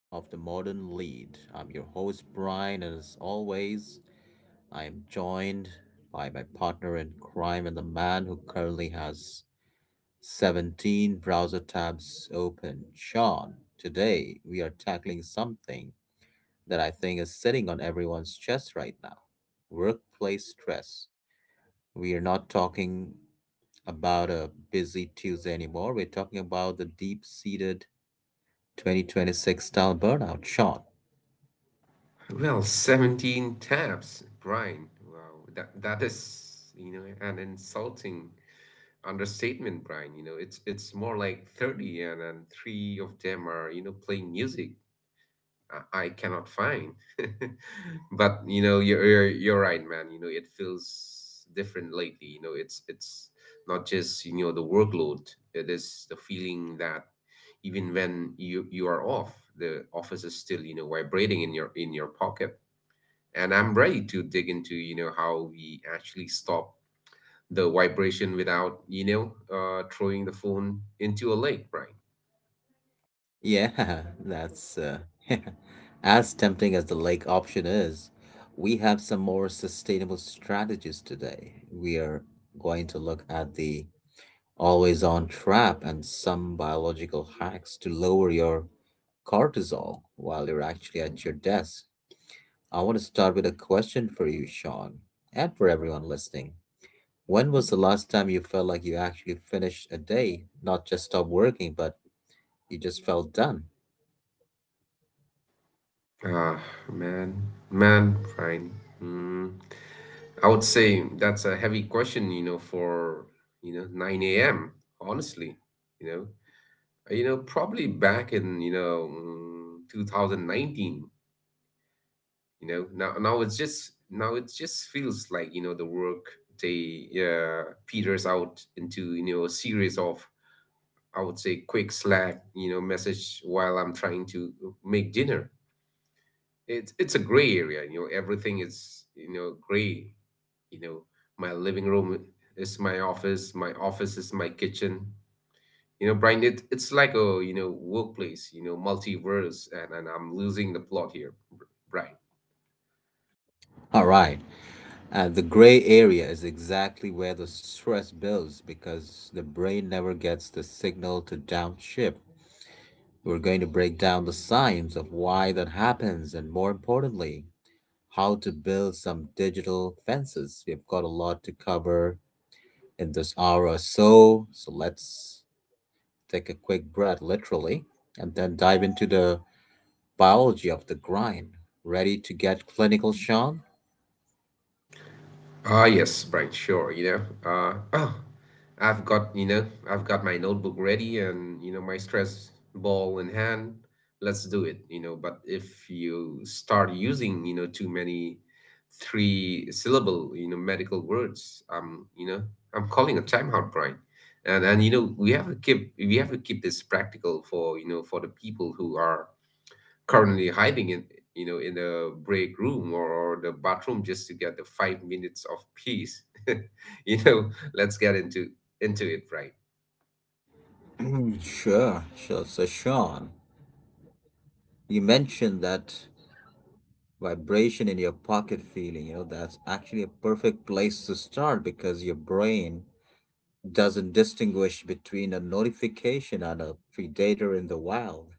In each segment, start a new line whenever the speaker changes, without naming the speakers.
of The Modern Lead. I'm your host, Brian, and as always, I am joined by my partner in crime and the man who currently has 17 browser tabs open, Sean. Today, we are tackling something that I think is sitting on everyone's chest right now, workplace stress. We are not talking about a busy Tuesday anymore. We're talking about the deep seated 2026 style burnout, Sean.
Well, 17 tabs, Brian. Wow, that is, you know, an insulting understatement, Brian. You know, it's more like 30 and then three of them are, you know, playing music I cannot find. But, you know, you're right, man. You know, it feels different lately. You know, it's not just, you know, the workload. It is the feeling that even when you are off, the office is still, you know, vibrating in your pocket, and I'm ready to dig into, you know, how we actually stop the vibration without, you know, throwing the phone into a lake, Brian.
Yeah, that's as tempting as the lake option is, we have some more sustainable strategies today. We are going to look at the always on trap and some biological hacks to lower your cortisol while you're actually at your desk. I want to start with a question for you, Sean, and for everyone listening. When was the last time you felt like you actually finished a day, not just stopped working, but you just felt done?
Ah, man man brian mm, I would say that's a heavy question, you know, for, you know, 9 a.m., honestly. You know, you know, probably back in, you know, 2019. You know, now it's just, now it just feels like, you know, the work day peters out into, you know, a series of, I would say, quick Slack, you know, message while I'm trying to make dinner. It's a gray area. You know, everything is, you know, gray, you know. My living room is my office, my office is my kitchen, you know, Brian. It's like a, you know, workplace, you know, multiverse, and I'm losing the plot here, Brian.
All right. And the gray area is exactly where the stress builds because the brain never gets the signal to downshift. We're going to break down the science of why that happens and, more importantly, how to build some digital fences. We've got a lot to cover in this hour or so, so let's take a quick breath, literally, and then dive into the biology of the grind. Ready to get clinical, Sean?
Ah, yes, Brian. Sure. You know, uh, oh, I've got, you know, I've got my notebook ready and, you know, my stress ball in hand. Let's do it, you know. But if you start using, you know, too many three syllable, you know, medical words, you know, I'm calling a timeout, Brian. And you know, we have to keep this practical for, you know, for the people who are currently hiding in, you know, in the break room or the bathroom just to get the 5 minutes of peace. You know, let's get into it, right?
Sure, sure. So, Sean, you mentioned that vibration in your pocket feeling, you know, that's actually a perfect place to start because your brain doesn't distinguish between a notification and a predator in the wild.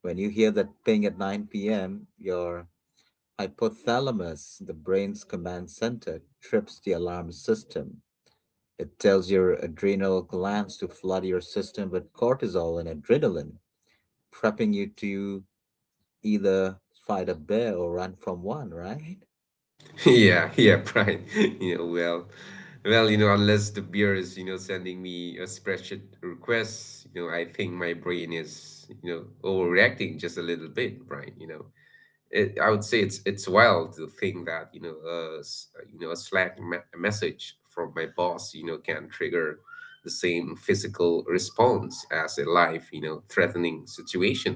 When you hear that ping at 9 p.m., your hypothalamus, the brain's command center, trips the alarm system. It tells your adrenal glands to flood your system with cortisol and adrenaline, prepping you to either fight a bear or run from one, right?
Yeah, yeah, Brian. You know, well, well, you know, unless the beer is, you know, sending me a spreadsheet request. You know, I think my brain is, you know, overreacting just a little bit, Brian, you know. I would say it's wild to think that, you know, you know, a Slack message from my boss, you know, can trigger the same physical response as a life, you know, threatening situation.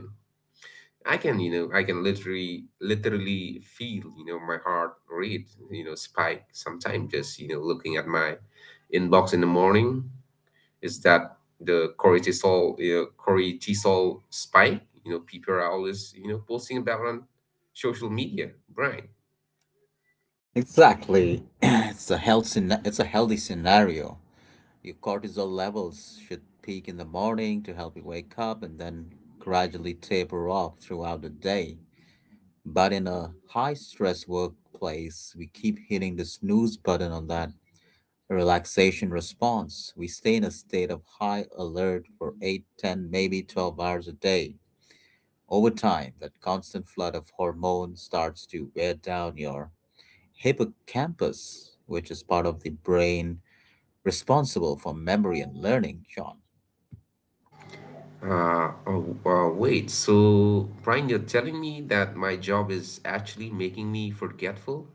I can, you know, I can literally feel, you know, my heart rate, you know, spike sometimes, just, you know, looking at my inbox in the morning. Is that the cortisol, you know, cortisol spike, you know, people are always, you know, posting about on social media, Brian?
Exactly. It's a healthy scenario. Your cortisol levels should peak in the morning to help you wake up and then gradually taper off throughout the day. But in a high stress workplace, we keep hitting the snooze button on that relaxation response. We stay in a state of high alert for 8, 10, maybe 12 hours a day. Over time, that constant flood of hormones starts to wear down your hippocampus, which is part of the brain responsible for memory and learning, Sean.
Oh, wait, so Brian, you're telling me that my job is actually making me forgetful?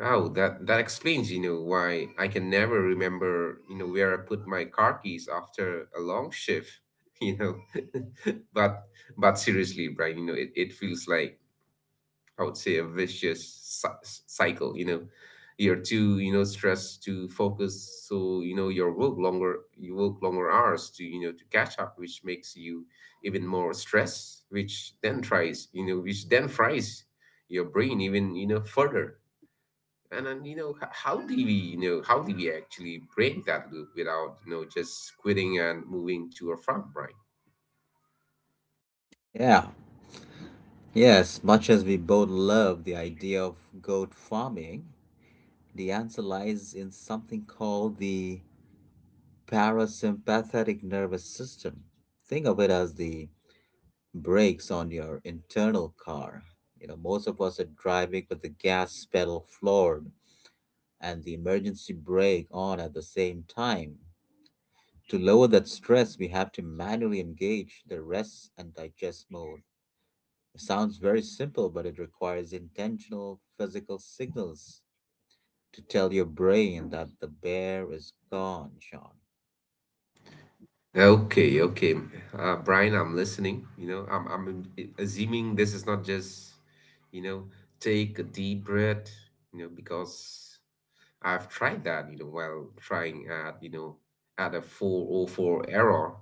Oh, that explains, you know, why I can never remember, you know, where I put my car keys after a long shift, you know. But but seriously, Brian, you know, it feels like, I would say, a vicious cycle. You know, you're too, you know, stressed to focus, so, you know, you work longer hours to, you know, to catch up, which makes you even more stressed, which then tries you know which then fries your brain even, you know, further. And then, you know, how do we actually break that loop without, you know, just quitting and moving to a farm, right?
Yeah, Yes, much as we both love the idea of goat farming, the answer lies in something called the parasympathetic nervous system. Think of it as the brakes on your internal car. You know, most of us are driving with the gas pedal floored and the emergency brake on at the same time. To lower that stress, we have to manually engage the rest and digest mode. It sounds very simple, but it requires intentional physical signals to tell your brain that the bear is gone, Sean.
Okay, okay. Brian, I'm listening. You know, I'm assuming this is not just, you know, take a deep breath, you know, because I've tried that, you know, while trying at, you know, at a 404 error,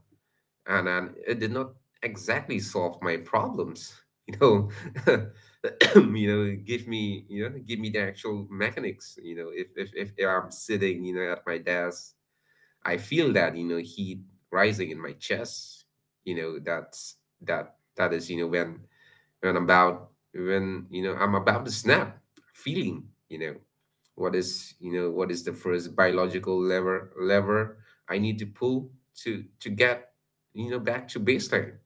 and it did not exactly solve my problems, you know. You know, give me the actual mechanics, you know, if if I'm sitting, you know, at my desk, I feel that, you know, heat rising in my chest. You know, that's that is, you know, when about when you know I'm about to snap, feeling, you know, what is, you know, what is the first biological lever I need to pull to get, you know, back to baseline.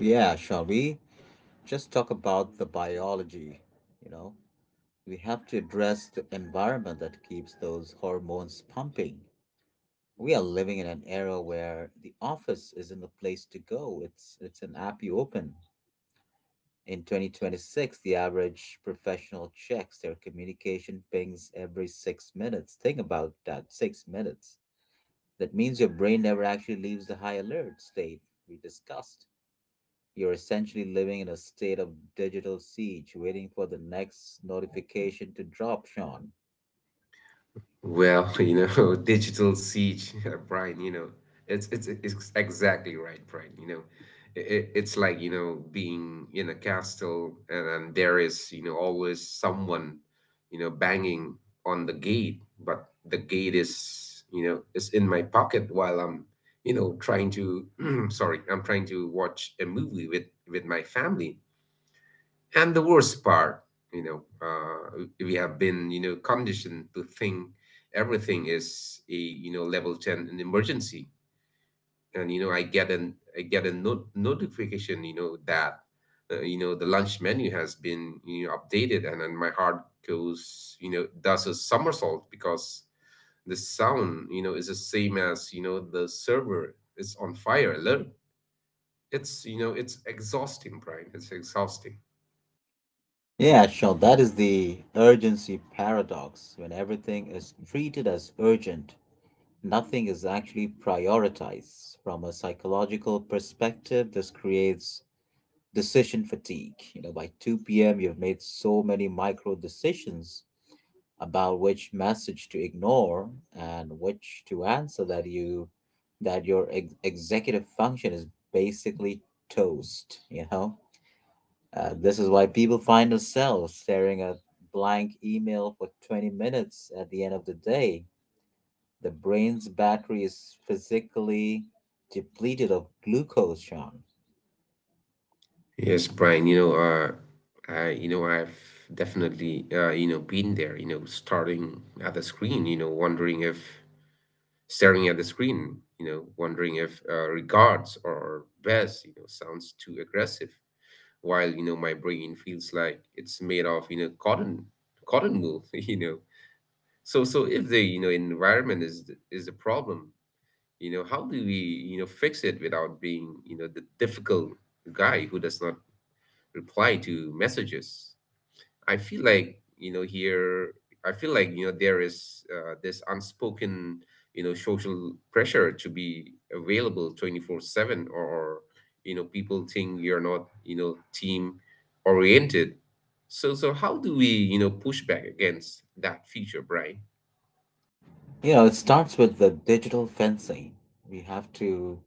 Yeah, shall we just talk about the biology, you know? We have to address the environment that keeps those hormones pumping. We are living in an era where the office isn't the place to go. It's an app you open. In 2026, the average professional checks their communication pings every 6 minutes. Think about that, 6 minutes. That means your brain never actually leaves the high alert state we discussed. You're essentially living in a state of digital siege, waiting for the next notification to drop, Sean.
Well, you know, digital siege, Brian, you know, it's exactly right, Brian. You know, it's like, you know, being in a castle and there is, you know, always someone, you know, banging on the gate, but the gate is, you know, is in my pocket while I'm, you know, trying to, sorry, I'm trying to watch a movie with my family. And the worst part, you know, we have been, you know, conditioned to think everything is a, you know, level 10 an emergency. And, you know, I get a notification, you know, that, you know, the lunch menu has been, you know, updated, and then my heart goes, you know, does a somersault, because the sound, you know, is the same as, you know, the server is on fire alert. It's, you know, it's exhausting, Brian, it's exhausting.
Yeah, sure. That is the urgency paradox. When everything is treated as urgent, nothing is actually prioritized. From a psychological perspective, this creates decision fatigue. You know, by 2 p.m., you've made so many micro decisions about which message to ignore and which to answer that your executive function is basically toast, you know? This is why people find themselves staring at blank email for 20 minutes at the end of the day. The brain's battery is physically depleted of glucose, Sean.
Yes, Brian, you know, I, you know, I've definitely, you know, been there, you know, starting at the screen, you know, wondering if staring at the screen, you know, wondering if regards or best, you know, sounds too aggressive, while, you know, my brain feels like it's made of, you know, cotton, cotton wool, you know. So, so if the, you know, environment is the problem, you know, how do we, you know, fix it without being, you know, the difficult guy who does not reply to messages. I feel like, you know, here, I feel like, you know, there is this unspoken, you know, social pressure to be available 24/7 or, you know, people think you're not, you know, team oriented. So, so how do we, you know, push back against that feature, Brian?
You know, it starts with the digital fencing. We have to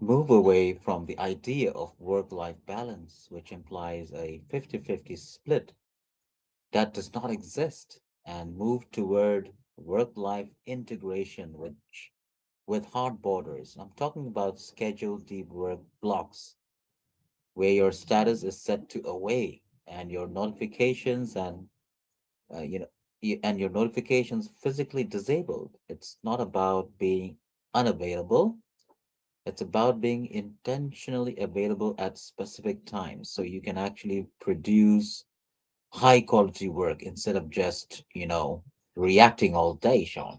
move away from the idea of work life balance, which implies a 50-50 split that does not exist, and move toward work life integration which with hard borders. I'm talking about scheduled deep work blocks where your status is set to away and your notifications and you know y- and your notifications physically disabled. It's not about being unavailable; it's about being intentionally available at specific times so you can actually produce high quality work instead of just, you know, reacting all day, Sean.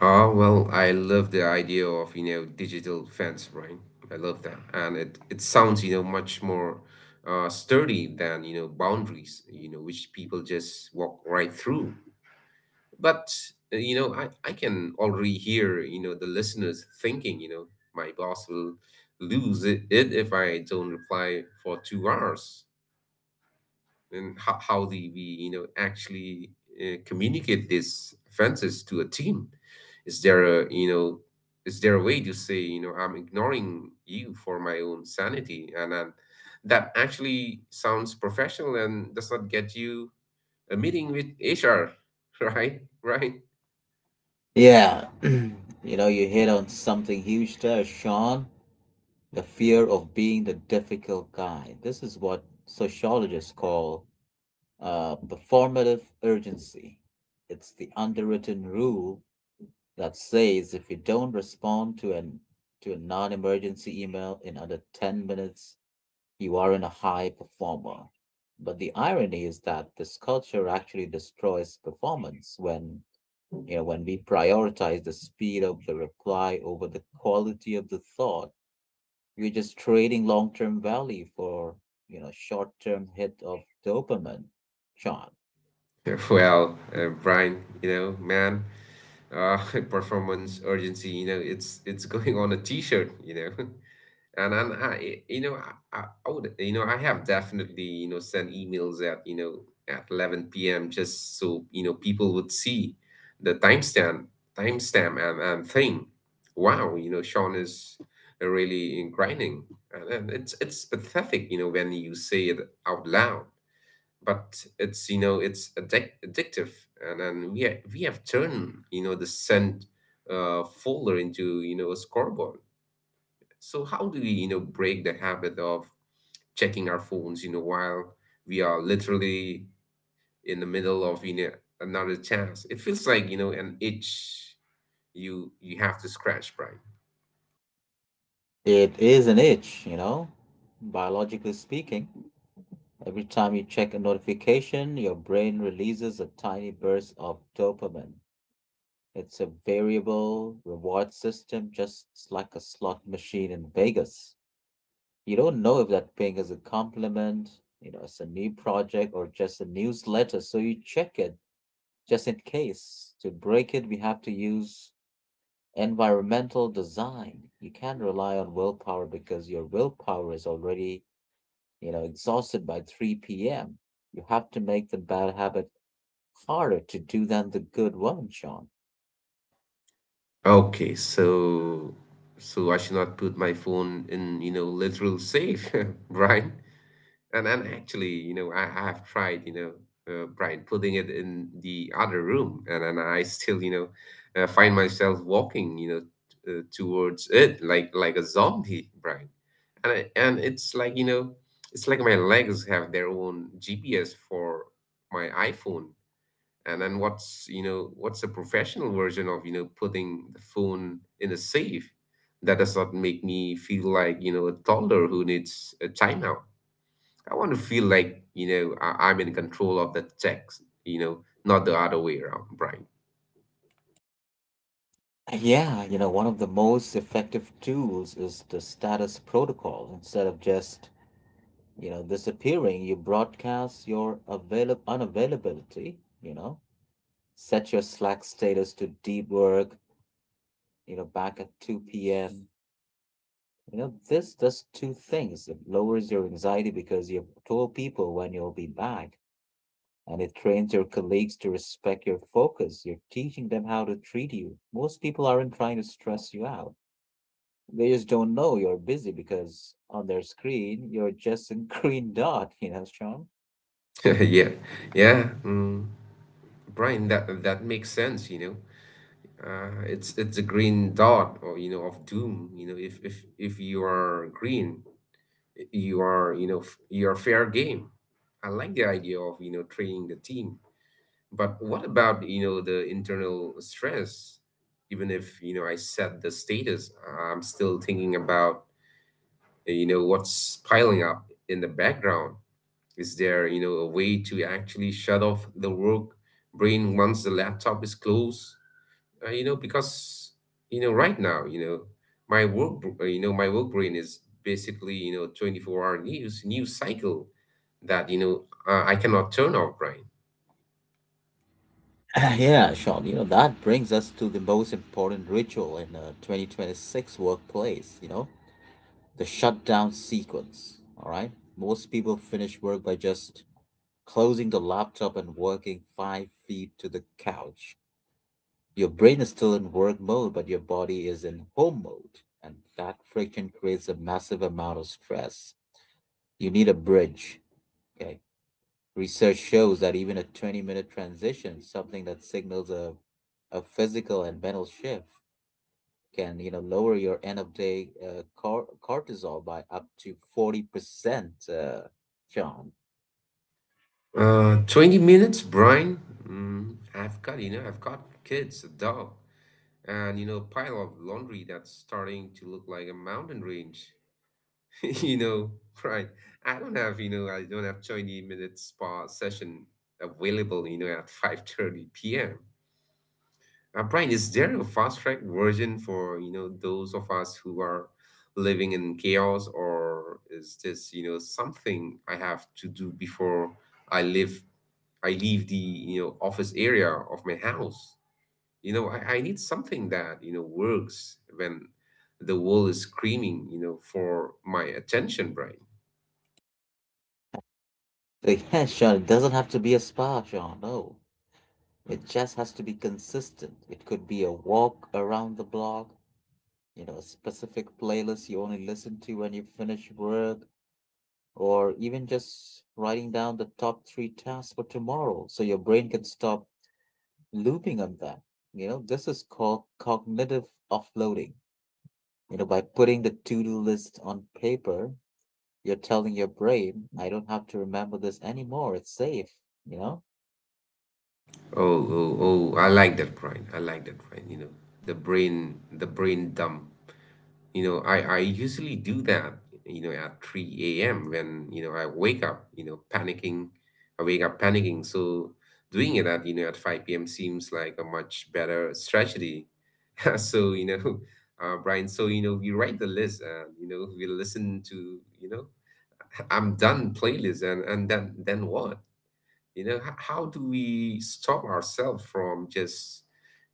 Ah, well, I love the idea of, you know, digital fence, right? I love that. And it sounds, you know, much more sturdy than, you know, boundaries, you know, which people just walk right through. But, you know, I can already hear, you know, the listeners thinking, you know, my boss will lose it, it if I don't reply for 2 hours. And how the we you know actually, communicate these offenses to a team. is there a you know is there a way to say, you know, I'm ignoring you for my own sanity, and then that actually sounds professional and does not get you a meeting with HR? Right, right.
Yeah. You know, you hit on something huge there, Sean. The fear of being the difficult guy. This is what sociologists call the formative urgency. It's the underwritten rule that says if you don't respond to a non-emergency email in under 10 minutes, you aren't a high performer. But the irony is that this culture actually destroys performance when, you know, when we prioritize the speed of the reply over the quality of the thought. We're just trading long-term value for, you know, short-term hit of dopamine, Sean.
Well, Brian, you know, man, uh, performance urgency, you know, it's going on a t-shirt, you know. And I, you know, I would, you know, I have definitely, you know, sent emails at, you know, at 11 p.m. just so, you know, people would see the timestamp, timestamp, and thing. Wow, you know, Sean is really grinding. And it's pathetic, you know, when you say it out loud, but it's, you know, it's addictive. And then we have turned, you know, the send folder into, you know, a scoreboard. So how do we, you know, break the habit of checking our phones, you know, while we are literally in the middle of, you know, another chance? It feels like, you know, an itch you have to scratch, right?
It is an itch, you know, biologically speaking. Every time you check a notification, your brain releases a tiny burst of dopamine. It's a variable reward system, just like a slot machine in Vegas. You don't know if that ping is a compliment, you know, it's a new project or just a newsletter, so you check it just in case. To break it, we have to use environmental design. You can't rely on willpower because your willpower is already, you know, exhausted by 3 p.m. You have to make the bad habit harder to do than the good one, Sean.
Okay, so so I should not put my phone in, you know, literal safe, Brian. And actually, you know, I have tried, you know, Brian, putting it in the other room, and I still, you know, find myself walking, you know, towards it like a zombie, Brian. And it's like my legs have their own GPS for my iPhone. And then what's you know what's a professional version of putting the phone in a safe that does not make me feel like a toddler who needs a timeout? I want to feel like, I'm in control of the text, not the other way around, Brian.
Yeah, you know, one of the most effective tools is the status protocol. Instead of just, you know, disappearing, you broadcast your avail unavailability, you know, set your Slack status to deep work, you know, back at 2 p.m. You know, this does two things. It lowers your anxiety because you've told people when you'll be back, and it trains your colleagues to respect your focus. You're teaching them how to treat you. Most people aren't trying to stress you out. They just don't know you're busy because on their screen, you're just a green dot, you know, Sean?
Yeah, yeah, Brian, that makes sense. It's a green dot, or of doom. If you are green, you are, you're fair game. I like the idea of training the team, but what about the internal stress? Even if I set the status, I'm still thinking about what's piling up in the background. Is there a way to actually shut off the work brain once the laptop is closed? Because right now, my work brain is basically 24 hour news cycle that, I cannot turn off, Brian.
Ah, yeah, Sean, you know, that brings us to the most important ritual in a 2026 workplace, you know, the shutdown sequence. All right. Most people finish work by just closing the laptop and working 5 feet to the couch. Your brain is still in work mode, but your body is in home mode. And that friction creates a massive amount of stress. You need a bridge. Okay. Research shows that even a 20-minute transition, something that signals a physical and mental shift, can, you know, lower your end of day cortisol by up to 40%, Sean.
20 minutes, Brian? I've got kids, a dog, and pile of laundry that's starting to look like a mountain range. you know Brian, I don't have 20 minutes spa session available, at 5:30 p.m. Brian, is there a fast track version for those of us who are living in chaos, or is this something I have to do before I live I leave the office area of my house? I need something that works when the world is screaming for my attention, Brian.
So yeah, Sean, it doesn't have to be a spa, Sean. No, it just has to be consistent. It could be a walk around the block, you know, a specific playlist you only listen to when you finish work, or even just writing down the top three tasks for tomorrow so your brain can stop looping on that. You know, this is called cognitive offloading. You know, by putting the to do list on paper, you're telling your brain, I don't have to remember this anymore. It's safe, you know?
Oh, oh, oh! I like that, Brian. I like that, Brian. The brain dump. I usually do that at 3 a.m. when I wake up, panicking. I wake up panicking, so doing it at you know at 5 p.m. seems like a much better strategy. So Brian, so we write the list and we listen to I'm done playlist, and then what? How do we stop ourselves from just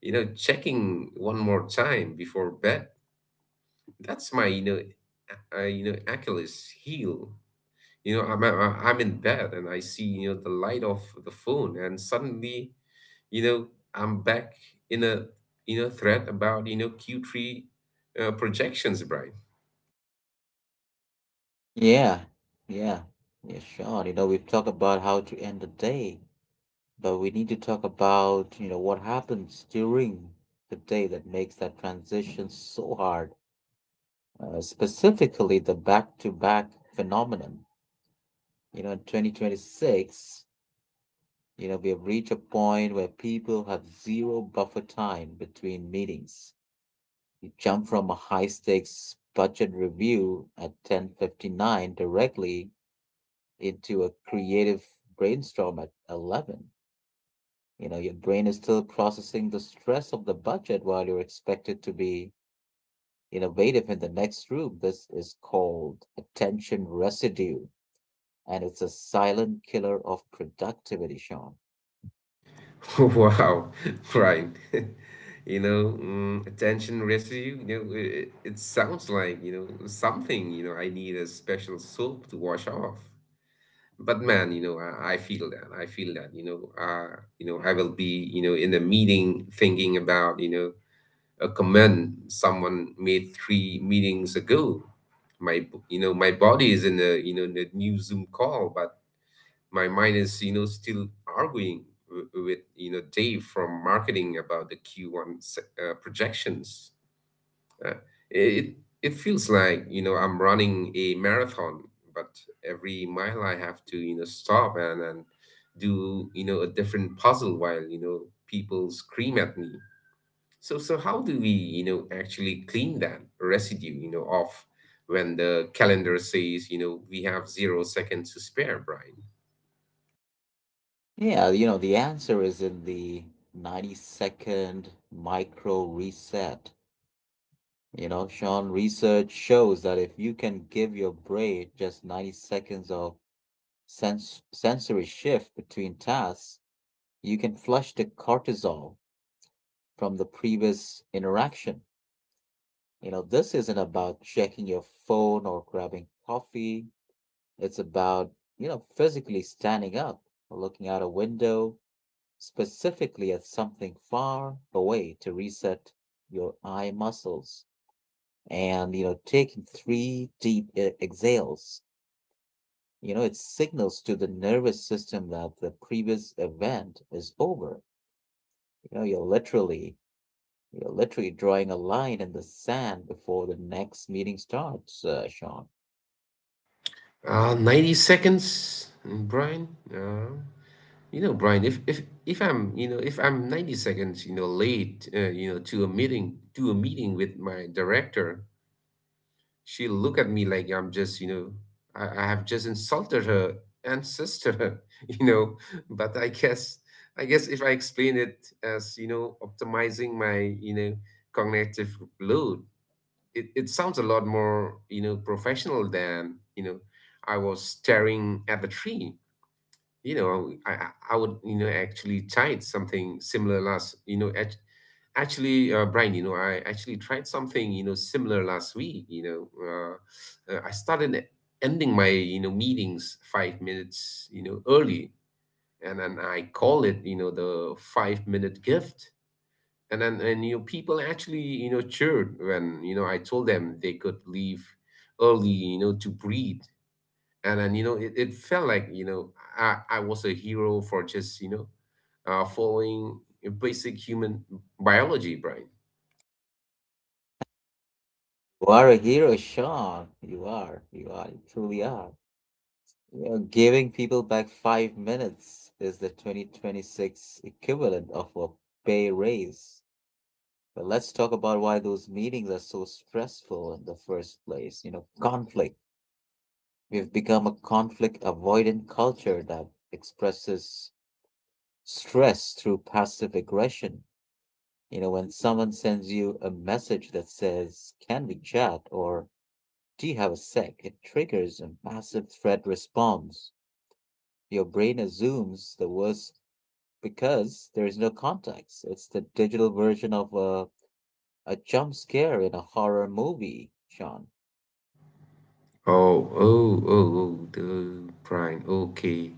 checking one more time before bed? That's my, Achilles heel. I'm in bed and I see, the light of the phone, and suddenly, you know, I'm back in a, thread about, Q3 projections, Brian.
Yeah, yeah, yeah, sure. You know, we've talked about how to end the day, but we need to talk about, you know, what happens during the day that makes that transition so hard, specifically the back-to-back phenomenon. You know, in 2026, you know, we have reached a point where people have zero buffer time between meetings. You jump from a high-stakes budget review at 10:59 directly into a creative brainstorm at 11. You know, your brain is still processing the stress of the budget while you're expected to be innovative in the next room. This is called attention residue. And it's a silent killer of productivity, Sean.
Wow, Brian. Attention residue, it sounds like, something, I need a special soap to wash off. But man, I feel that, I will be, in a meeting thinking about, a comment someone made three meetings ago. My body is in a, in a new Zoom call, but my mind is, still arguing, with, Dave from marketing about the Q1, projections. uh, it it feels like, I'm running a marathon, but every mile I have to, stop and do, a different puzzle while, people scream at me. So how do we, actually clean that residue, off when the calendar says, we have 0 seconds to spare, Brian?
Yeah, you know, the answer is in the 90-second micro reset. You know, Sean, research shows that if you can give your brain just 90 seconds of sensory shift between tasks, you can flush the cortisol from the previous interaction. You know, this isn't about checking your phone or grabbing coffee. It's about, you know, physically standing up, looking out a window, specifically at something far away to reset your eye muscles and, you know, taking three deep exhales. You know, it signals to the nervous system that the previous event is over. You know, you're literally, you're literally drawing a line in the sand before the next meeting starts, Sean.
90 seconds, Brian. Uh, Brian, if I'm, if I'm 90 seconds, late, to a meeting with my director, she'll look at me like I'm just, I have just insulted her ancestor, you know. But I guess, if I explain it as, optimizing my, cognitive load, it sounds a lot more, professional than, I was staring at the tree. I would, you know actually tried something similar last, actually, Brian, I actually tried something, similar last week, I started, ending my, meetings 5 minutes, early. And then I call it, the 5-minute gift. And people actually, cheered when, I told them they could leave early, to breathe. And then, it felt like, I was a hero for just, following basic human biology, Brian.
You are a hero, Sean. You truly are. You know, giving people back 5 minutes is the 2026 equivalent of a pay raise. But let's talk about why those meetings are so stressful in the first place. Conflict. We've become a conflict avoidant culture that expresses stress through passive aggression. You know, when someone sends you a message that says, "Can we chat?" or "Do you have a sec?" it triggers a massive threat response. Your brain assumes the worst because there is no context. It's the digital version of a jump scare in a horror movie, Sean.
Oh, oh, oh, oh, the Brian, okay.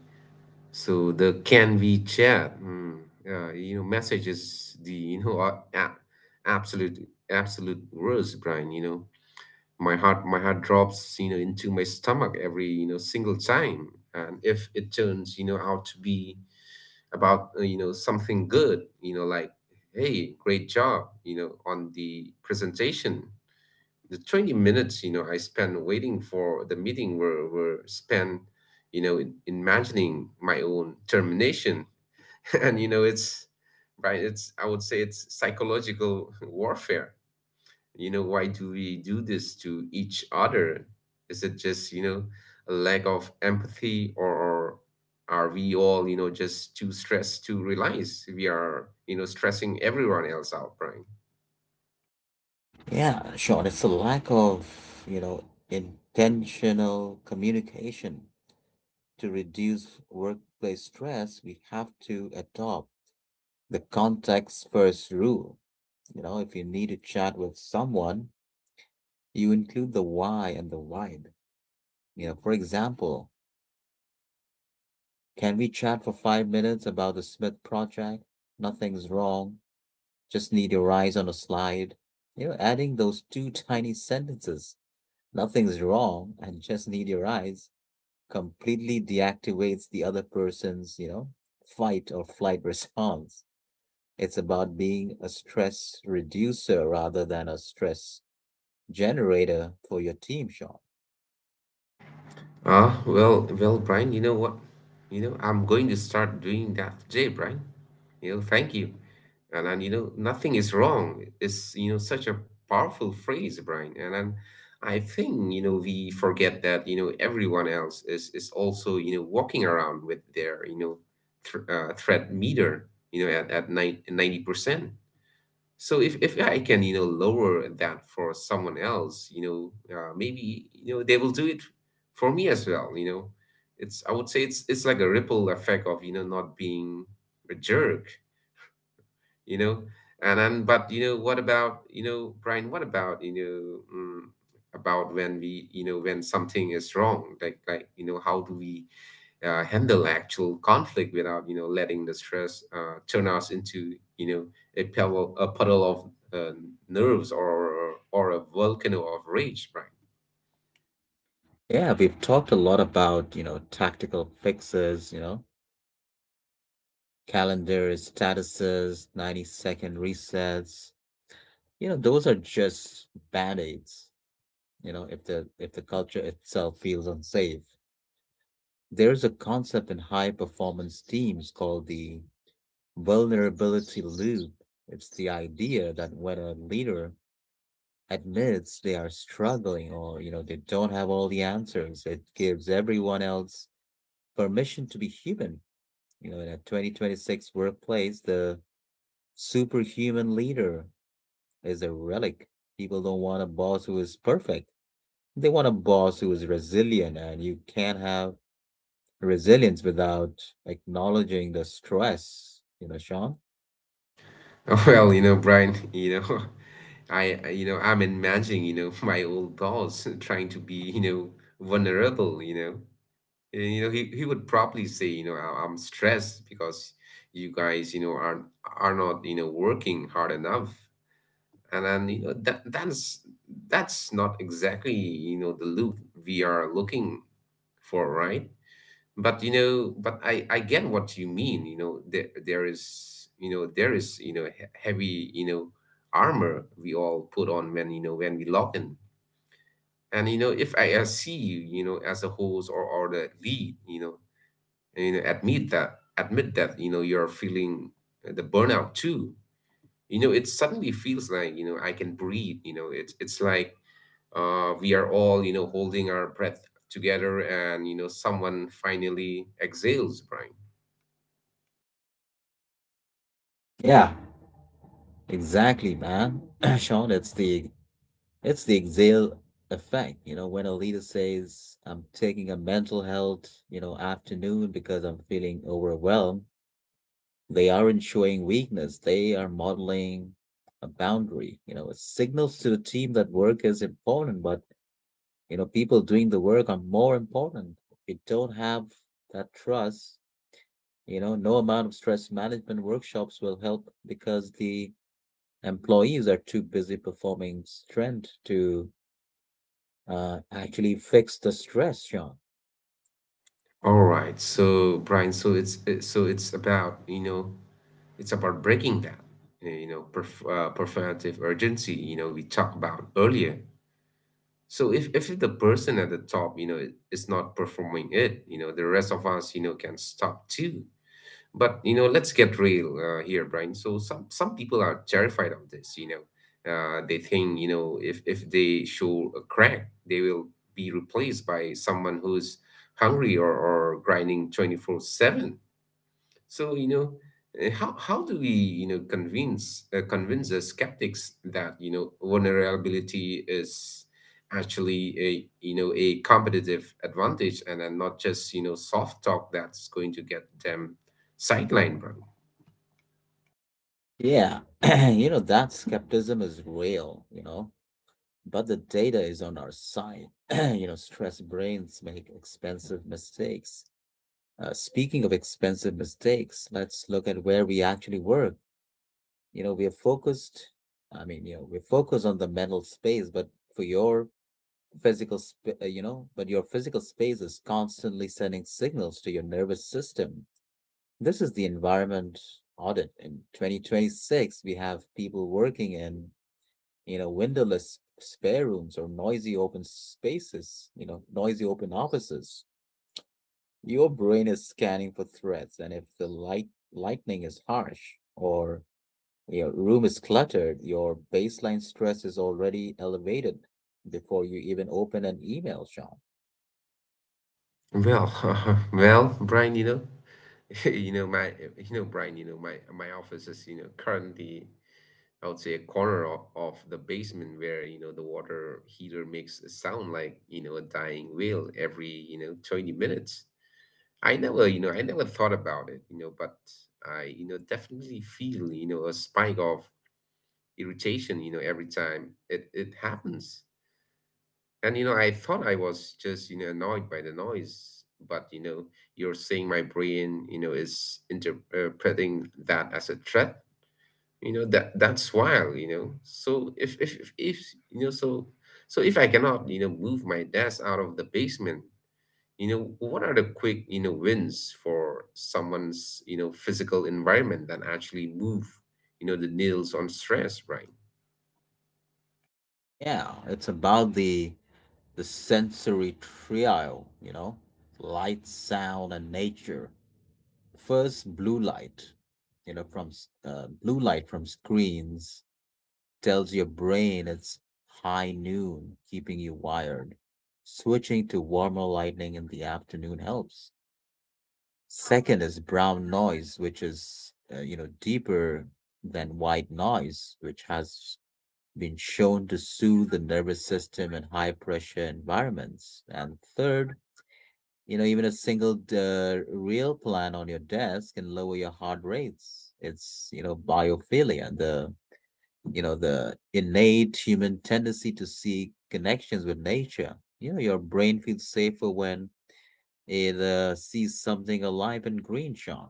So the "can we chat", messages, the, absolute absolute worst, Brian. My heart drops, into my stomach, every, single time. And if it turns, out to be about, something good, like, "Hey, great job, on the presentation." The 20 minutes, I spent waiting for the meeting were spent, in, imagining my own termination. And, it's I would say it's psychological warfare. Why do we do this to each other? Is it just, a lack of empathy, or are we all, just too stressed to realize we are, stressing everyone else out, Brian?
Yeah, Sean, it's a lack of, you know, intentional communication. To reduce workplace stress, we have to adopt the context first rule. You know, if you need to chat with someone, you include the why and the vibe. You know, for example, can we chat for 5 minutes about the Smith project? Nothing's wrong. Just need your eyes on a slide. You know, adding those two tiny sentences, "nothing's wrong" and "just need your eyes," completely deactivates the other person's, you know, fight or flight response. It's about being a stress reducer rather than a stress generator for your team, Sean.
Ah, well, Brian, you know what? I'm going to start doing that today, Brian. Thank you. And then, nothing is wrong. It's, such a powerful phrase, Brian. And then I think, we forget that, everyone else is also, walking around with their, you know, th threat meter, at nine 90%. So if I can, lower that for someone else, maybe, they will do it for me as well. It's, I would say, it's like a ripple effect of, not being a jerk you know and then, but what about, Brian? What about, about when we, when something is wrong, like how do we, handle actual conflict without, letting the stress, turn us into, a puddle of, uh, nerves, or a volcano of rage, Brian?
Yeah, we've talked a lot about, you know, tactical fixes, you know, calendars, statuses, 90-second resets. You know, those are just band-aids. You know, if the culture itself feels unsafe, there's a concept in high performance teams called the vulnerability loop. It's the idea that when a leader admits they are struggling or, you know, they don't have all the answers, it gives everyone else permission to be human. You know, in a 2026 workplace, the superhuman leader is a relic. People don't want a boss who is perfect; they want a boss who is resilient, and you can't have resilience without acknowledging the stress, you know, Sean?
Well, Brian, I'm imagining, my old boss trying to be, vulnerable. And, he would probably say, I'm stressed because you guys, are not, working hard enough." And then, that's not exactly, the loop we are looking for, right? but you know but I get what you mean. There is, heavy, armor we all put on when you know when we log in. And, if I, see you, you know as a host, or the lead, and, admit that, you're feeling the burnout too. It suddenly feels like, I can breathe. It's like, we are all, holding our breath together, and, someone finally exhales, Brian.
Yeah. Exactly, man. Sean, it's the exhale effect. You know, when a leader says, "I'm taking a mental health, you know, afternoon because I'm feeling overwhelmed," they aren't showing weakness. They are modeling a boundary. You know, it signals to the team that work is important, but, you know, people doing the work are more important. If you don't have that trust, you know, no amount of stress management workshops will help because the employees are too busy performing strength to actually fix the stress, Sean.
All right. So, Brian, it's about, it's about breaking that, performative urgency, we talked about earlier. So if the person at the top, is not performing it, the rest of us, can stop too. But, let's get real, here, Brian. So some people are terrified of this. They think, if they show a crack, they will be replaced by someone who's hungry, or grinding 24/7. So, how do we, convince the skeptics that, vulnerability is actually a, a competitive advantage, and then not just, soft talk that's going to get them sidelined, bro?
Yeah, you know, that skepticism is real, you know, but the data is on our side. You know, stressed brains make expensive mistakes. Speaking of expensive mistakes, let's look at where we actually work. You know, we are focused, you know, we're focused on the mental space, but for your you know, but your physical space is constantly sending signals to your nervous system. This is the environment audit. In 2026, we have people working in, you know, windowless spare rooms or noisy open spaces, you know, noisy open offices. Your brain is scanning for threats, and if the lightning is harsh or your room is cluttered, your baseline stress is already elevated before you even open an email, Sean.
Well, well, Brian. My, Brian, my office is, currently, I would say, a corner of the basement where, the water heater makes a sound like, a dying wail every, 20 minutes. I never, I never thought about it, but I, definitely feel, a spike of irritation, every time it happens. And, I thought I was just, annoyed by the noise, but, you're saying my brain, is interpreting that as a threat. That's wild. So if you know, so so if I cannot, move my desk out of the basement, what are the quick, wins for someone's, physical environment that actually move, the needles on stress, right?
Yeah, it's about the sensory trio, you know, light, sound, and nature. First, blue light, you know, blue light from screens tells your brain it's high noon, keeping you wired. Switching to warmer lighting in the afternoon helps. Second is brown noise, which is, you know, deeper than white noise, which has been shown to soothe the nervous system in high pressure environments. And third, you know, even a single real plant on your desk can lower your heart rates. It's, you know, biophilia, the the innate human tendency to seek connections with nature. You know, your brain feels safer when it sees something alive and green, Sean.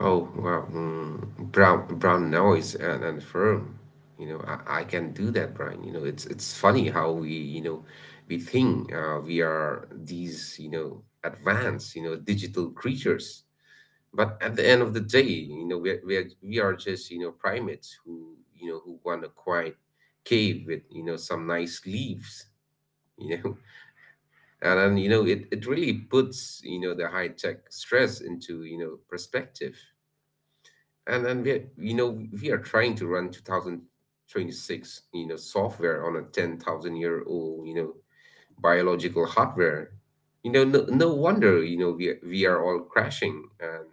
Oh, wow. Brown noise and firm. I can do that, Brian. It's funny how we, we think we are these, advanced, digital creatures. But at the end of the day, we are, we are just, primates who who want a quiet cave with, some nice leaves, you know. And you know, it really puts, the high-tech stress into, perspective and we you know we are trying to run 2026 software on a 10,000 year old biological hardware. No, no wonder we are all crashing. and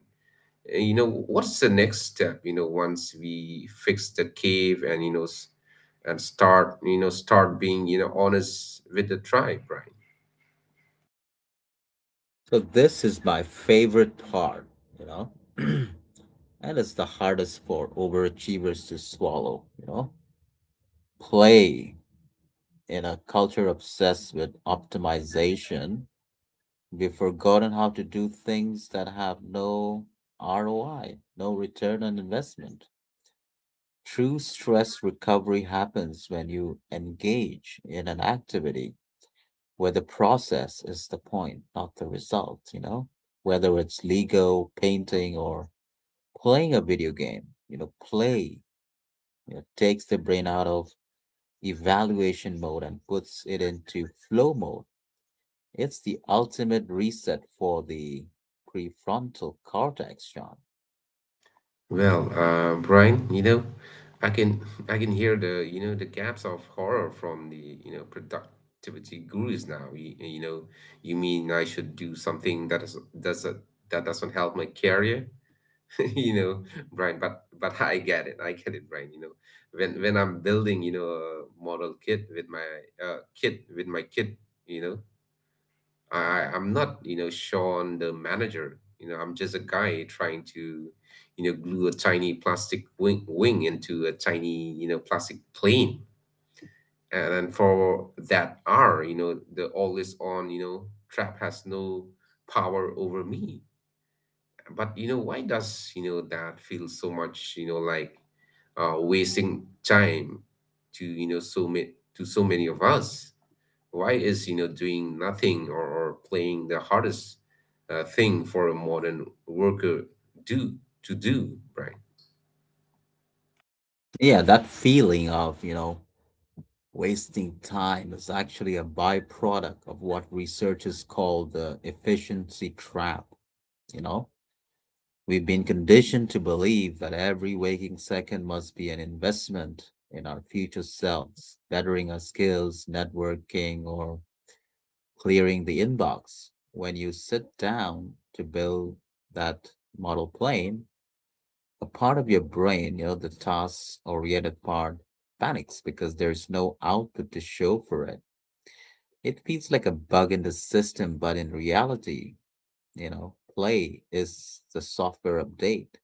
uh, you know what's the next step once we fix the cave and start start being honest with the tribe, right?
So this is my favorite part, you know, and it's the hardest for overachievers to swallow, you know. Play. In a culture obsessed with optimization, we've forgotten how to do things that have no ROI, no return on investment. True stress recovery happens when you engage in an activity where the process is the point, not the result, you know? Whether it's Lego, painting, or playing a video game, you know, play, you know, takes the brain out of evaluation mode and puts it into flow mode. It's the ultimate reset for the prefrontal cortex, John.
Brian, I can I can hear the the gaps of horror from the productivity gurus now. You mean I should do something that is doesn't help my career? You know, Brian, but I get it. I get it, Brian. When I'm building a model kit with my kid, you know, I'm not, Sean the manager. I'm just a guy trying to, glue a tiny plastic wing into a tiny, plastic plane. And, for that hour, the all is on, trap has no power over me. Why does, that feel so much, like wasting time to, you know, so many to so many of us? Why is doing nothing or playing the hardest thing for a modern worker do to do, Brian?
Yeah, that feeling of, you know, wasting time is actually a byproduct of what researchers call the efficiency trap. You know, we've been conditioned to believe that every waking second must be an investment in our future selves, bettering our skills, networking, or clearing the inbox. When you sit down to build that model plane, a part of your brain, you know, the task oriented part, panics because there's no output to show for it. It feels like a bug in the system, but in reality, you know, play is the software update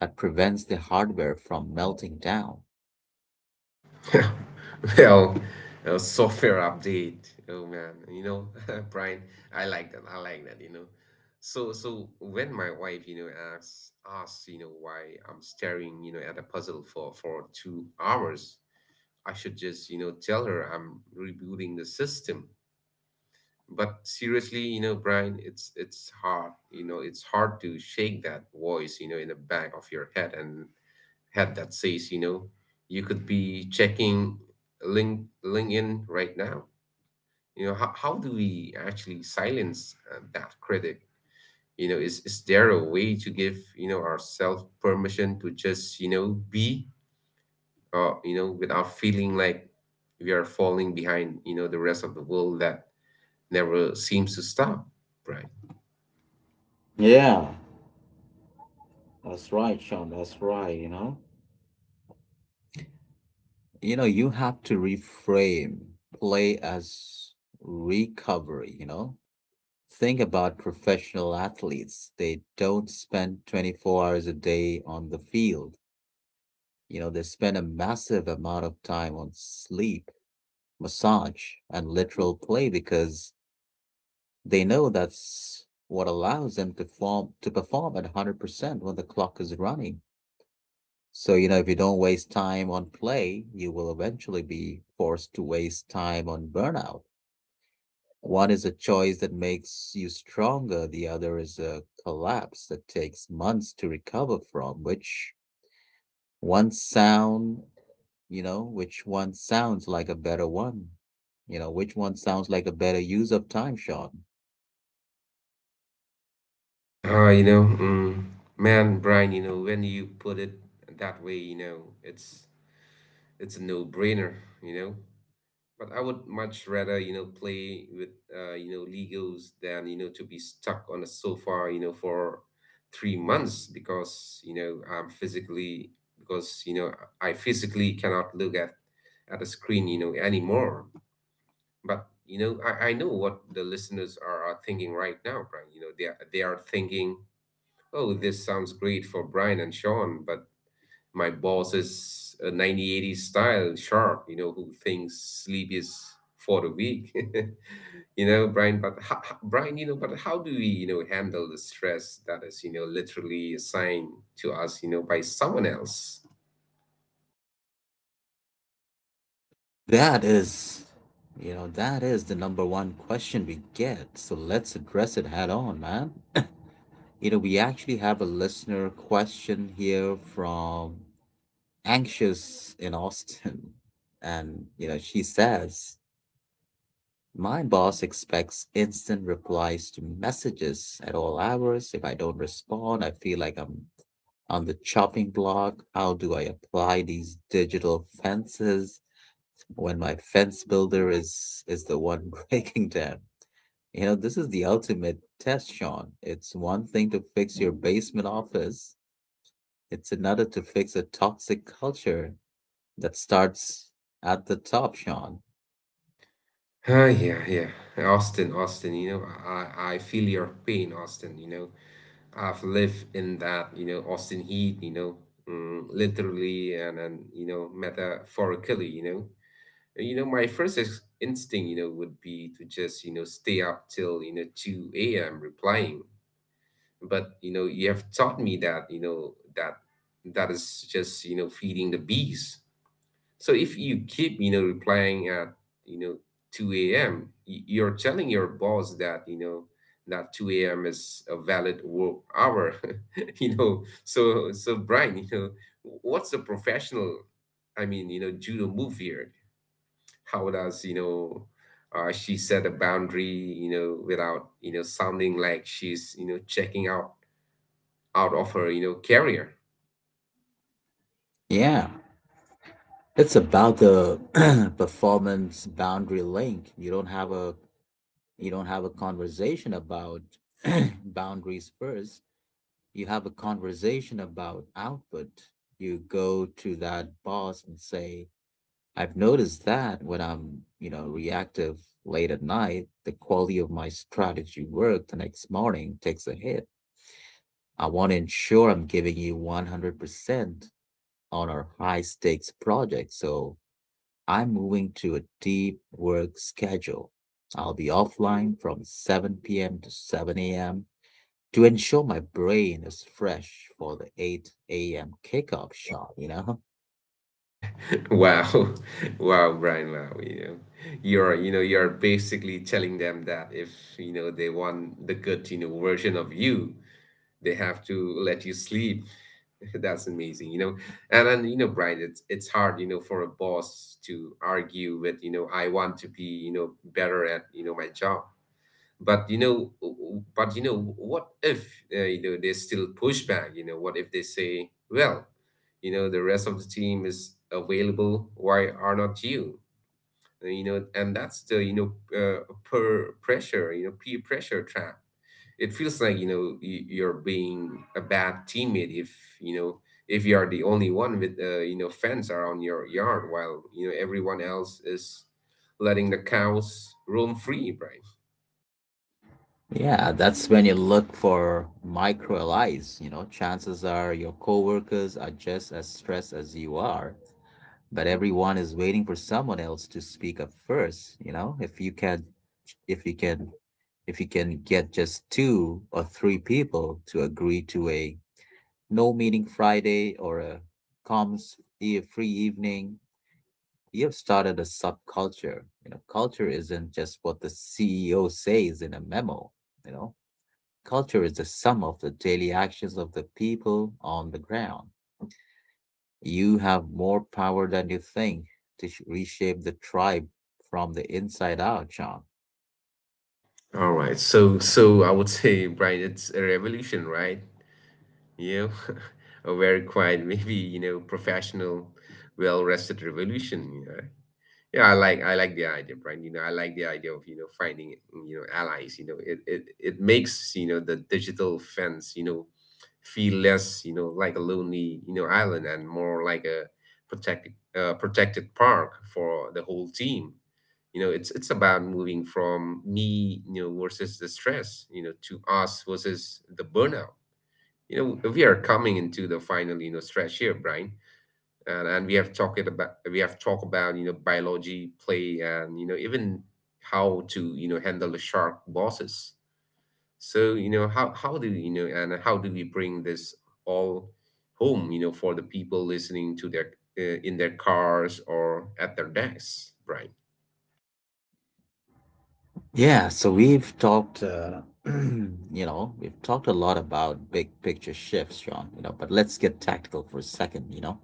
that prevents the hardware from melting down.
Well, software update, oh man, Brian, I like that. I like that, so when my wife asks why I'm staring at a puzzle for 2 hours, I should just tell her I'm rebooting the system. But seriously, Brian, it's hard, it's hard to shake that voice in the back of your head that says, you could be checking LinkedIn right now. How how do we actually silence that critic? Is there a way to give ourselves permission to just be, without feeling like we are falling behind the rest of the world that never seems to stop, Brian?
Yeah, that's right, Sean. That's right, you know? You know, you have to reframe play as recovery, you know? Think about professional athletes. They don't spend 24 hours a day on the field. You know, they spend a massive amount of time on sleep, massage, and literal play, because they know that's what allows them to form to perform at 100% when the clock is running. So, you know, if you don't waste time on play, you will eventually be forced to waste time on burnout. One is a choice that makes you stronger; the other is a collapse that takes months to recover from. Which one sound, you know, which one sounds like a better one? You know, which one sounds like a better use of time, Sean?
Uh, you know, mm, Man, Brian, when you put it that way, it's a no-brainer, you know. But I would much rather, play with Legos than, to be stuck on a sofa, for three months because, I physically cannot look at a screen, anymore. But, I know what the listeners are thinking right now, Brian. They are thinking, oh, this sounds great for Brian and Sean, but my boss is a 9080s style sharp, who thinks sleep is for the weak. Brian, but how do we, handle the stress that is, literally assigned to us, by someone else?
That is, you know, that is the number one question we get. So let's address it head on, man. You know, we actually have a listener question here from Anxious in Austin. And, you know, she says, "My boss expects instant replies to messages at all hours. If I don't respond, I feel like I'm on the chopping block. How do I apply these digital fences when my fence builder is the one breaking down?" You know, this is the ultimate test, Sean. It's one thing to fix your basement office; it's another to fix a toxic culture that starts at the top, Sean.
Ah, yeah, yeah. Austin, I feel your pain, Austin, I've lived in that, Austin heat, literally and metaphorically, And my first instinct, would be to just, stay up till, 2 a.m. replying. But, you have taught me that, that is just, feeding the beast. So if you keep, replying at, you know, 2 a.m., you're telling your boss that, that 2 a.m. is a valid work hour. So, Brian, what's the professional, I mean, judo move here? How does, she set a boundary, without, sounding like she's, checking out of her, career?
Yeah. It's about the performance boundary link. You don't have a You don't have a conversation about boundaries first. You have a conversation about output. You go to that boss and say, "I've noticed that when I'm, you know, reactive late at night, the quality of my strategy work the next morning takes a hit. I want to ensure I'm giving you 100% on our high stakes project, so I'm moving to a deep work schedule. I'll be offline from 7 p.m. to 7 a.m. to ensure my brain is fresh for the 8 a.m. kickoff shot," you know?
Wow, wow, Brian, wow, you're basically telling them that if, they want the good, version of you, they have to let you sleep. That's amazing, And Brian, it's hard, for a boss to argue with, I want to be, better at, my job. but you know but what if they still push back? What if they say, well, the rest of the team is available, why are not you? You know and that's the you know per pressure, peer pressure trap. It feels like you're being a bad teammate if if you are the only one with fence around your yard while everyone else is letting the cows roam free, right?
Yeah, that's when you look for micro allies. You know, chances are your coworkers are just as stressed as you are, but everyone is waiting for someone else to speak up first. You know, if you can, if you can get just 2 or 3 people to agree to a no meeting Friday or a free evening, you have started a subculture. You know, culture isn't just what the CEO says in a memo. You know, culture is the sum of the daily actions of the people on the ground. You have more power than you think to reshape the tribe from the inside out, John.
All right. So, so I would say, Brian, it's a revolution, right? A very quiet, maybe, professional, well-rested revolution, Yeah, I like the idea, Brian. I like the idea of, finding, allies, It makes, the digital fence, feel less, like a lonely, island and more like a protected park for the whole team. It's about moving from me versus the stress to us versus the burnout. We are coming into the final stretch here, Brian, and we have talked about biology, play, and even how to handle the shark bosses. So you know how do you know and how do we bring this all home, for the people listening to their, in their cars or at their desks, Brian?
Yeah, so we've talked, you know, we've talked a lot about big picture shifts, John, you know, but let's get tactical for a second, you know.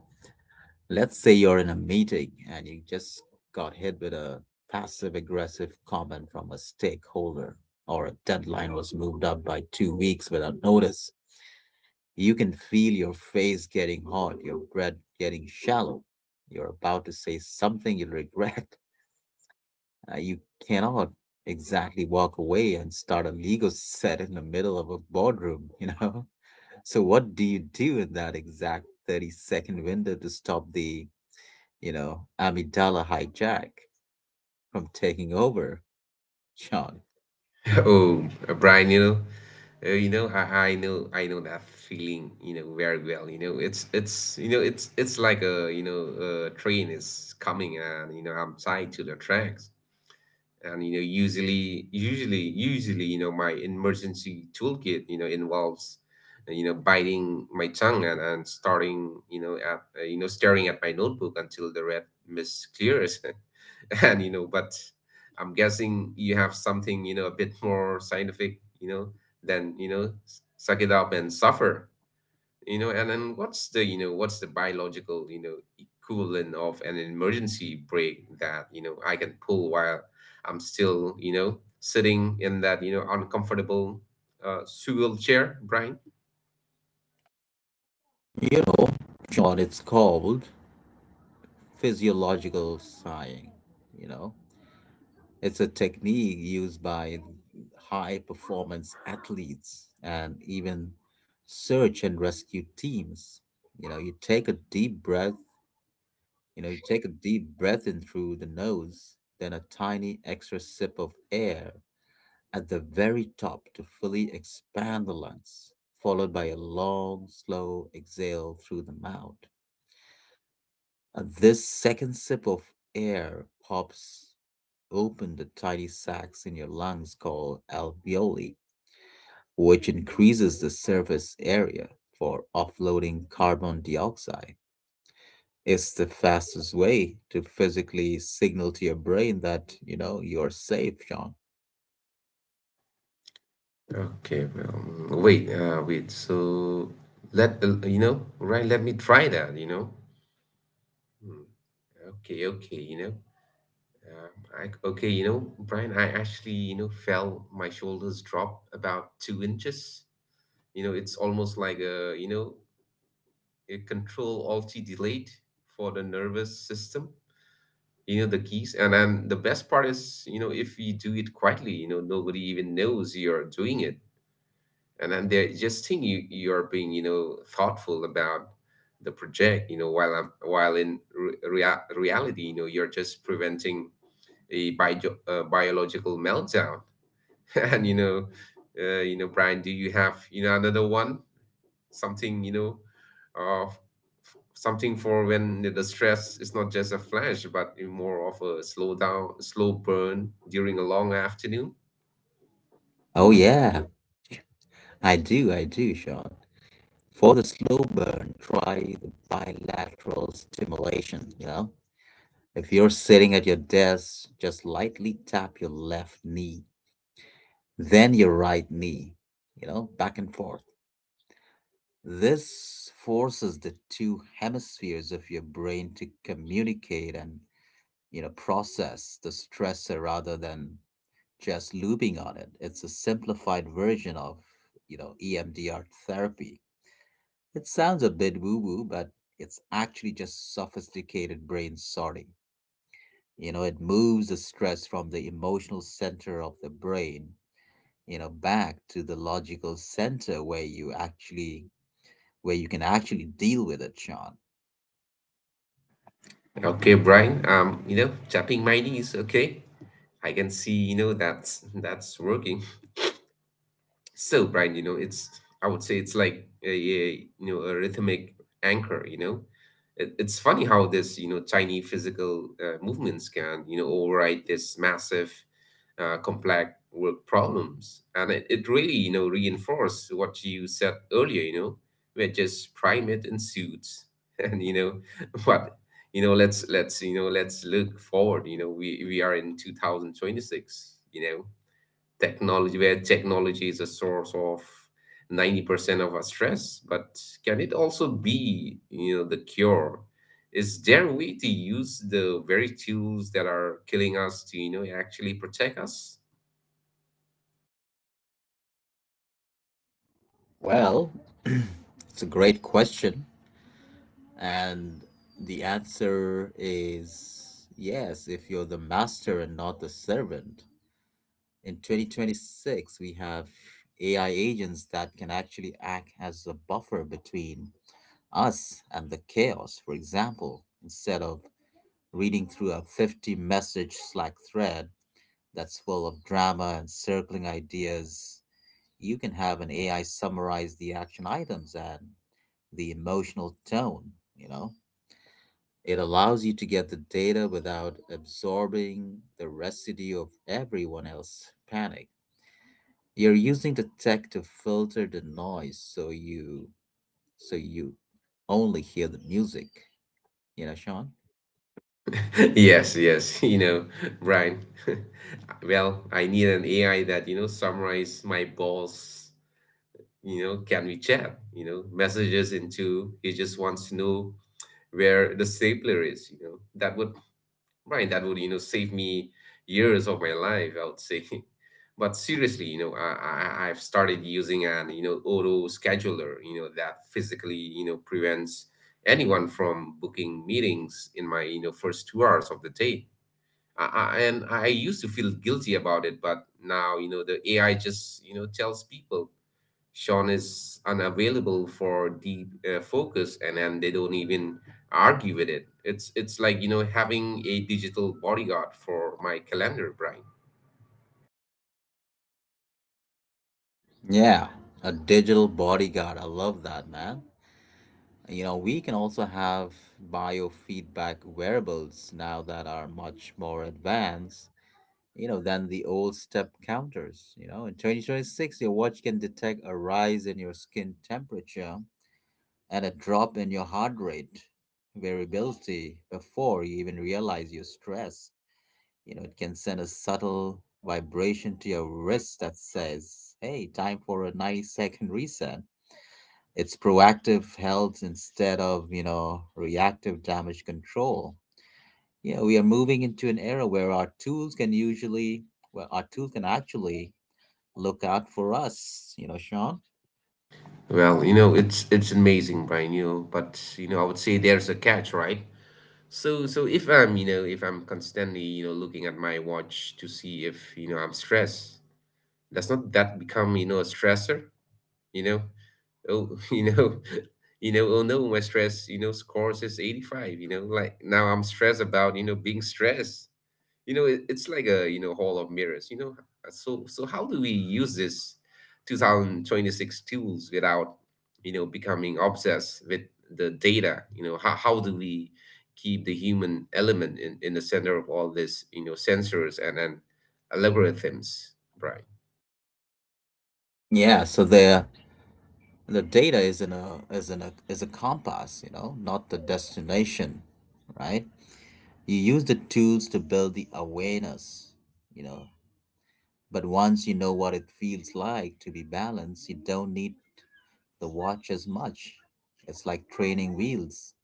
Let's say you're in a meeting and you just got hit with a passive aggressive comment from a stakeholder, or a deadline was moved up by 2 weeks without notice. You can feel your face getting hot, your breath getting shallow. You're about to say something you'll regret. You cannot exactly walk away and start a legal set in the middle of a boardroom, you know? So, what do you do in that exact 30-second window to stop the, you know, amygdala hijack from taking over, Sean?
Oh, Brian, Uh, you know, I, I know that feeling. Very well. It's like a a train is coming and I'm tied to the tracks. And you know usually usually usually my emergency toolkit involves biting my tongue, and starting you know at you know staring at my notebook until the red mist clears. and you know but I'm guessing you have something, a bit more scientific, than suck it up and suffer. You know and then What's the, what's the biological, equivalent of an emergency brake that I can pull while I'm still sitting in that, uncomfortable, swivel chair, Brian?
You know, Sean, it's called physiological sighing, you know? It's a technique used by high performance athletes and even search and rescue teams. You know, you take a deep breath, you take a deep breath in through the nose, then a tiny extra sip of air at the very top to fully expand the lungs, followed by a long, slow exhale through the mouth. This second sip of air pops open the tiny sacs in your lungs called alveoli, which increases the surface area for offloading carbon dioxide. It's the fastest way to physically signal to your brain that, you know, you're safe, Sean.
Okay well mm, wait uh, wait so let me try that. Hmm, okay, okay you know um, I, okay you know Brian, I actually, fell my shoulders dropped about 2 inches, it's almost like a, a control alt delete for the nervous system, the keys. And then the best part is, if you do it quietly, nobody even knows you're doing it, and then they just think you're being, thoughtful about the project, while I'm while in re- rea- reality, you're just preventing a biological meltdown. and you know Brian, do you have, another one, something, uh, f- something for when the stress is not just a flash but more of a slow burn during a long afternoon?
Oh, yeah, I do, Sean. For the slow burn, try the bilateral stimulation. You know, if you're sitting at your desk, just lightly tap your left knee then your right knee, you know, back and forth. This forces the two hemispheres of your brain to communicate and, you know, process the stressor rather than just looping on it. It's a simplified version of, you know, EMDR therapy. It sounds a bit woo woo, but it's actually just sophisticated brain sorting. You know, it moves the stress from the emotional center of the brain, you know, back to the logical center where you can actually deal with it, Sean.
Okay, Brian, tapping my knees, okay, I can see, that's working. So Brian, you know it's I would say it's like a a rhythmic anchor, it's funny how this you know tiny physical, movements can, override this massive, complex work problems. And it really, reinforced what you said earlier, we're just primate in suits. And, but, let's look forward, we are in 2026, technology, where technology is a source of 90% of our stress, but can it also be, the cure? Is there a way to use the very tools that are killing us to, actually protect us?
Well, it's a great question, and the answer is yes if you're the master and not the servant. In 2026, we have AI agents that can actually act as a buffer between us and the chaos. For example, instead of reading through a 50 message Slack thread that's full of drama and circling ideas. You can have an AI summarize the action items and the emotional tone, you know? It allows you to get the data without absorbing the residue of everyone else's panic. You're using the tech to filter the noise so you only hear the music, you know, Sean?
Yes, yes, Brian. Well, I need an AI that, summarize my boss, can we chat, messages into he just wants to know where the stapler is, That would, Brian, that would, save me years of my life, I would say. But seriously, I've started using an, auto scheduler, that physically, prevents anyone from booking meetings in my, first 2 hours of the day. And I used to feel guilty about it, but now, the AI just, tells people Sean is unavailable for deep focus, and then they don't even argue with it. It's like, having a digital bodyguard for my calendar, Brian.
Yeah, a digital bodyguard. I love that, man. You know, we can also have biofeedback wearables now that are much more advanced, you know, than the old step counters. You know, in 2026, your watch can detect a rise in your skin temperature and a drop in your heart rate variability before you even realize you're stressed. You know, it can send a subtle vibration to your wrist that says, hey, time for a 90-second reset. It's proactive health instead of, you know, reactive damage control. Yeah, we are moving into an era where our tools can usually, well, our tool can actually look out for us, you know, Sean?
Well, it's amazing, Brian, but I would say there's a catch, right? So if I'm, if I'm constantly, looking at my watch to see if, I'm stressed, does not that become, a stressor? you know oh you know you know oh no, my stress score says 85. Now I'm stressed about being stressed. It's like a hall of mirrors. So how do we use this 2026 tools without becoming obsessed with the data? How do we keep the human element in the center of all this sensors and algorithms, Brian?
Yeah, so the data is in a is in a is a compass, you know, not the destination, right? You use the tools to build the awareness, you know. But once you know what it feels like to be balanced, you don't need the watch as much. It's like training wheels.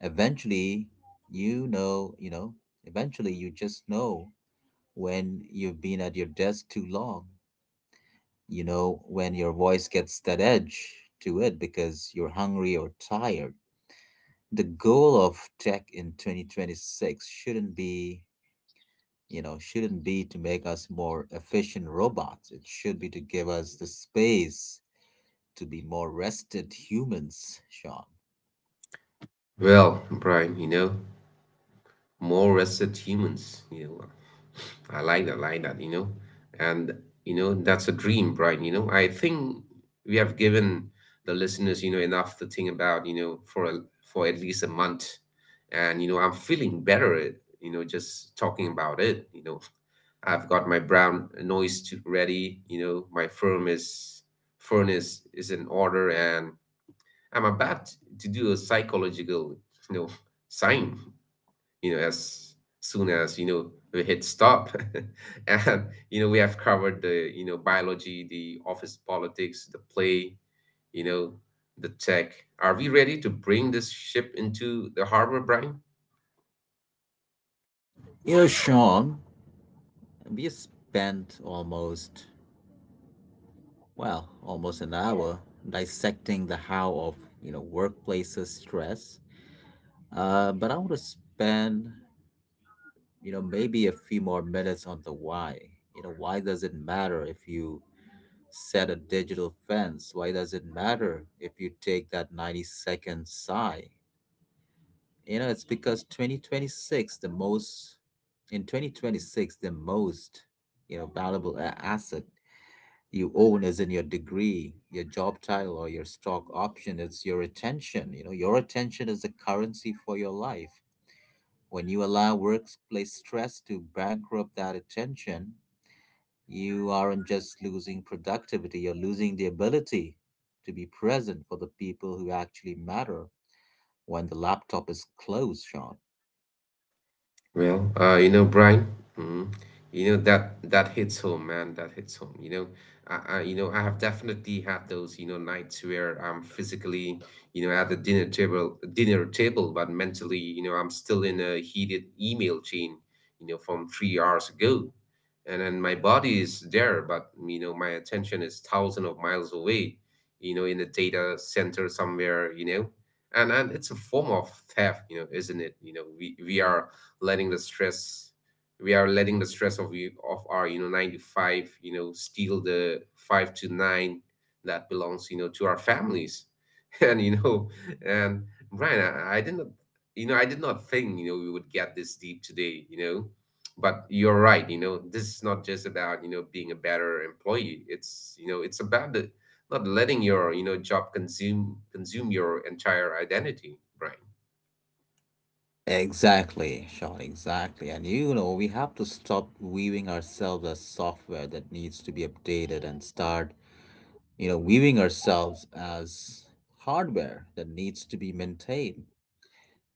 Eventually, you know, you know, eventually you just know when you've been at your desk too long. You know, when your voice gets that edge to it because you're hungry or tired. The goal of tech in 2026 shouldn't be to make us more efficient robots. It should be to give us the space to be more rested humans, Sean.
Well, Brian, more rested humans. I like that. You know and you know That's a dream, Brian. I think we have given the listeners enough to think about for a, for at least a month. And you know i'm feeling better just talking about it. I've got my brown noise to ready. My firm is furnace is in order, and I'm about to do a psychological you know sign as soon as we hit stop. And we have covered the biology, the office politics, the play, you know the tech. Are we ready to bring this ship into the harbor, Brian?
You know, Sean, we spent almost, well, almost an hour dissecting the how of, you know, workplaces stress. But I want to spend, you know, maybe a few more minutes on the why. You know, why does it matter if you set a digital fence? Why does it matter if you take that 90-second sigh? You know, it's because in 2026, the most, you know, valuable asset you own as in your degree, your job title, or your stock option. It's your attention. You know, your attention is the currency for your life. When you allow workplace stress to bankrupt that attention, you aren't just losing productivity, you're losing the ability to be present for the people who actually matter when the laptop is closed, Sean.
Well, Brian, mm, that that hits home, man. That hits home. I have definitely had those, nights where I'm physically, at the dinner table, but mentally, I'm still in a heated email chain, from 3 hours ago, and then my body is there, but my attention is thousands of miles away, in a data center somewhere. You know and and it's a form of theft, isn't it? We are letting the stress, we are letting the stress of you of our 9 to 5 steal the 5 to 9 that belongs to our families. and you know and Brian, I did not I did not think we would get this deep today. But you're right. This is not just about being a better employee. It's you know It's about the not letting your job consume your entire identity, Brian.
Exactly, Sean, exactly. And you know, we have to stop viewing ourselves as software that needs to be updated and start, you know, viewing ourselves as hardware that needs to be maintained.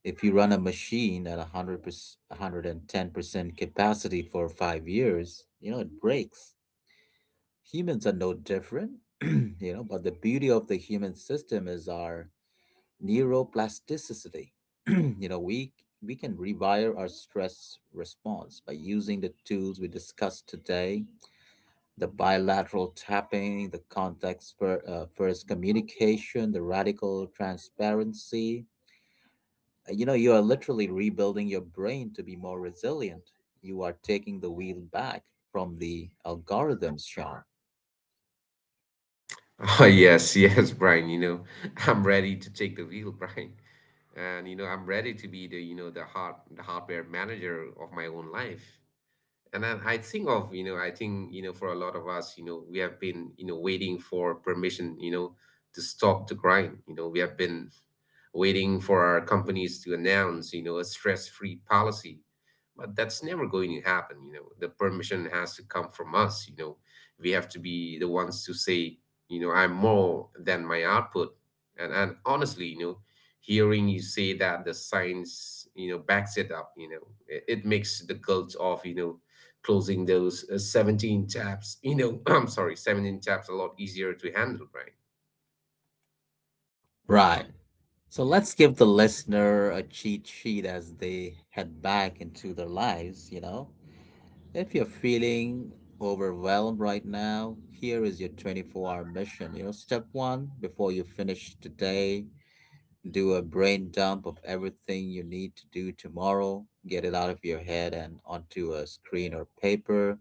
If you run a machine at 100%, 110% capacity for 5 years, you know, it breaks. Humans are no different, you know, but the beauty of the human system is our neuroplasticity. You know, we can rewire our stress response by using the tools we discussed today: the bilateral tapping, the context for, first communication, the radical transparency. You know, you are literally rebuilding your brain to be more resilient. You are taking the wheel back from the algorithms, Sean.
Oh, yes, yes, Brian. You know, I'm ready to take the wheel, Brian. And you know, I'm ready to be the, the the hardware manager of my own life. And then I think of, you know, for a lot of us, we have been, waiting for permission, to stop the grind. You know, we have been waiting for our companies to announce, a stress-free policy. But that's never going to happen, The permission has to come from us, We have to be the ones to say, I'm more than my output. And honestly, hearing you say that the science, backs it up, it makes the guilt of, closing those 17 tabs, I'm sorry, 17 tabs, a lot easier to handle, right?
Right. So let's give the listener a cheat sheet as they head back into their lives, you know. If you're feeling overwhelmed right now, here is your 24-hour mission. You know, step one, before you finish today, do a brain dump of everything you need to do tomorrow, get it out of your head and onto a screen or paper.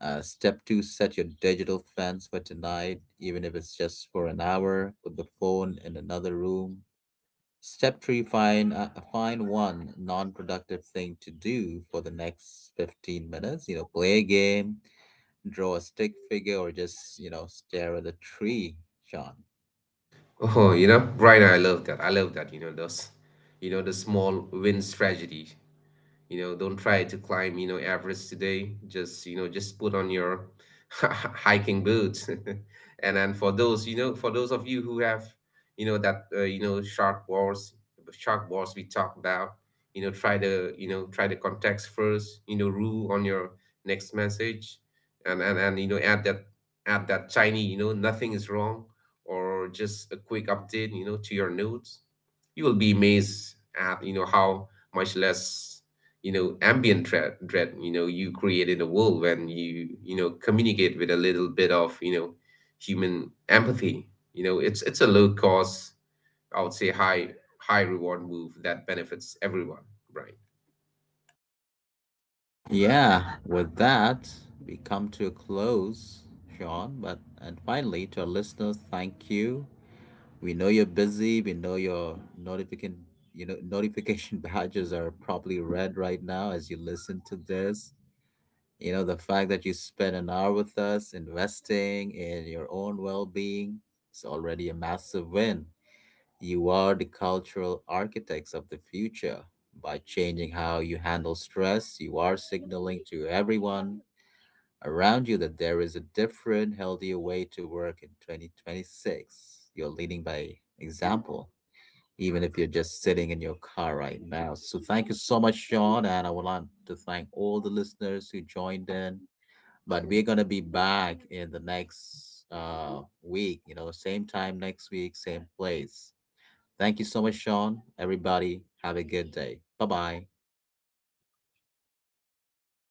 Step two, set your digital fence for tonight, even if it's just for an hour, put the phone in another room. Step three, find one non productive thing to do for the next 15 minutes. You know, play a game, draw a stick figure, or just, you know, stare at a tree, Sean.
Oh, right, I love that, I love that. You know those you know The small wins strategy. Don't try to climb Everest today, just just put on your hiking boots. And then for those, for those of you who have you know that you know shark wars we talked about, try the try the context first rule on your next message. And add that, Chinese. Nothing is wrong, or just a quick update, to your notes. You will be amazed at how much less ambient dread you create in the world when you know communicate with a little bit of human empathy. It's a low cost, I would say high, high reward move that benefits everyone, right?
Yeah, with that, we come to a close, Sean. But and finally, to our listeners, thank you. We know you're busy. We know your notification badges are probably red right now as you listen to this. You know, the fact that you spent an hour with us investing in your own well-being is already a massive win. You are the cultural architects of the future. By changing how you handle stress, you are signaling to everyone around you that there is a different, healthier way to work in 2026. You're leading by example, even if you're just sitting in your car right now. So, thank you so much, Sean. And I would like to thank all the listeners who joined in. But we're going to be back in the next week, you know, same time next week, same place. Thank you so much, Sean. Everybody, have a good day. Bye bye.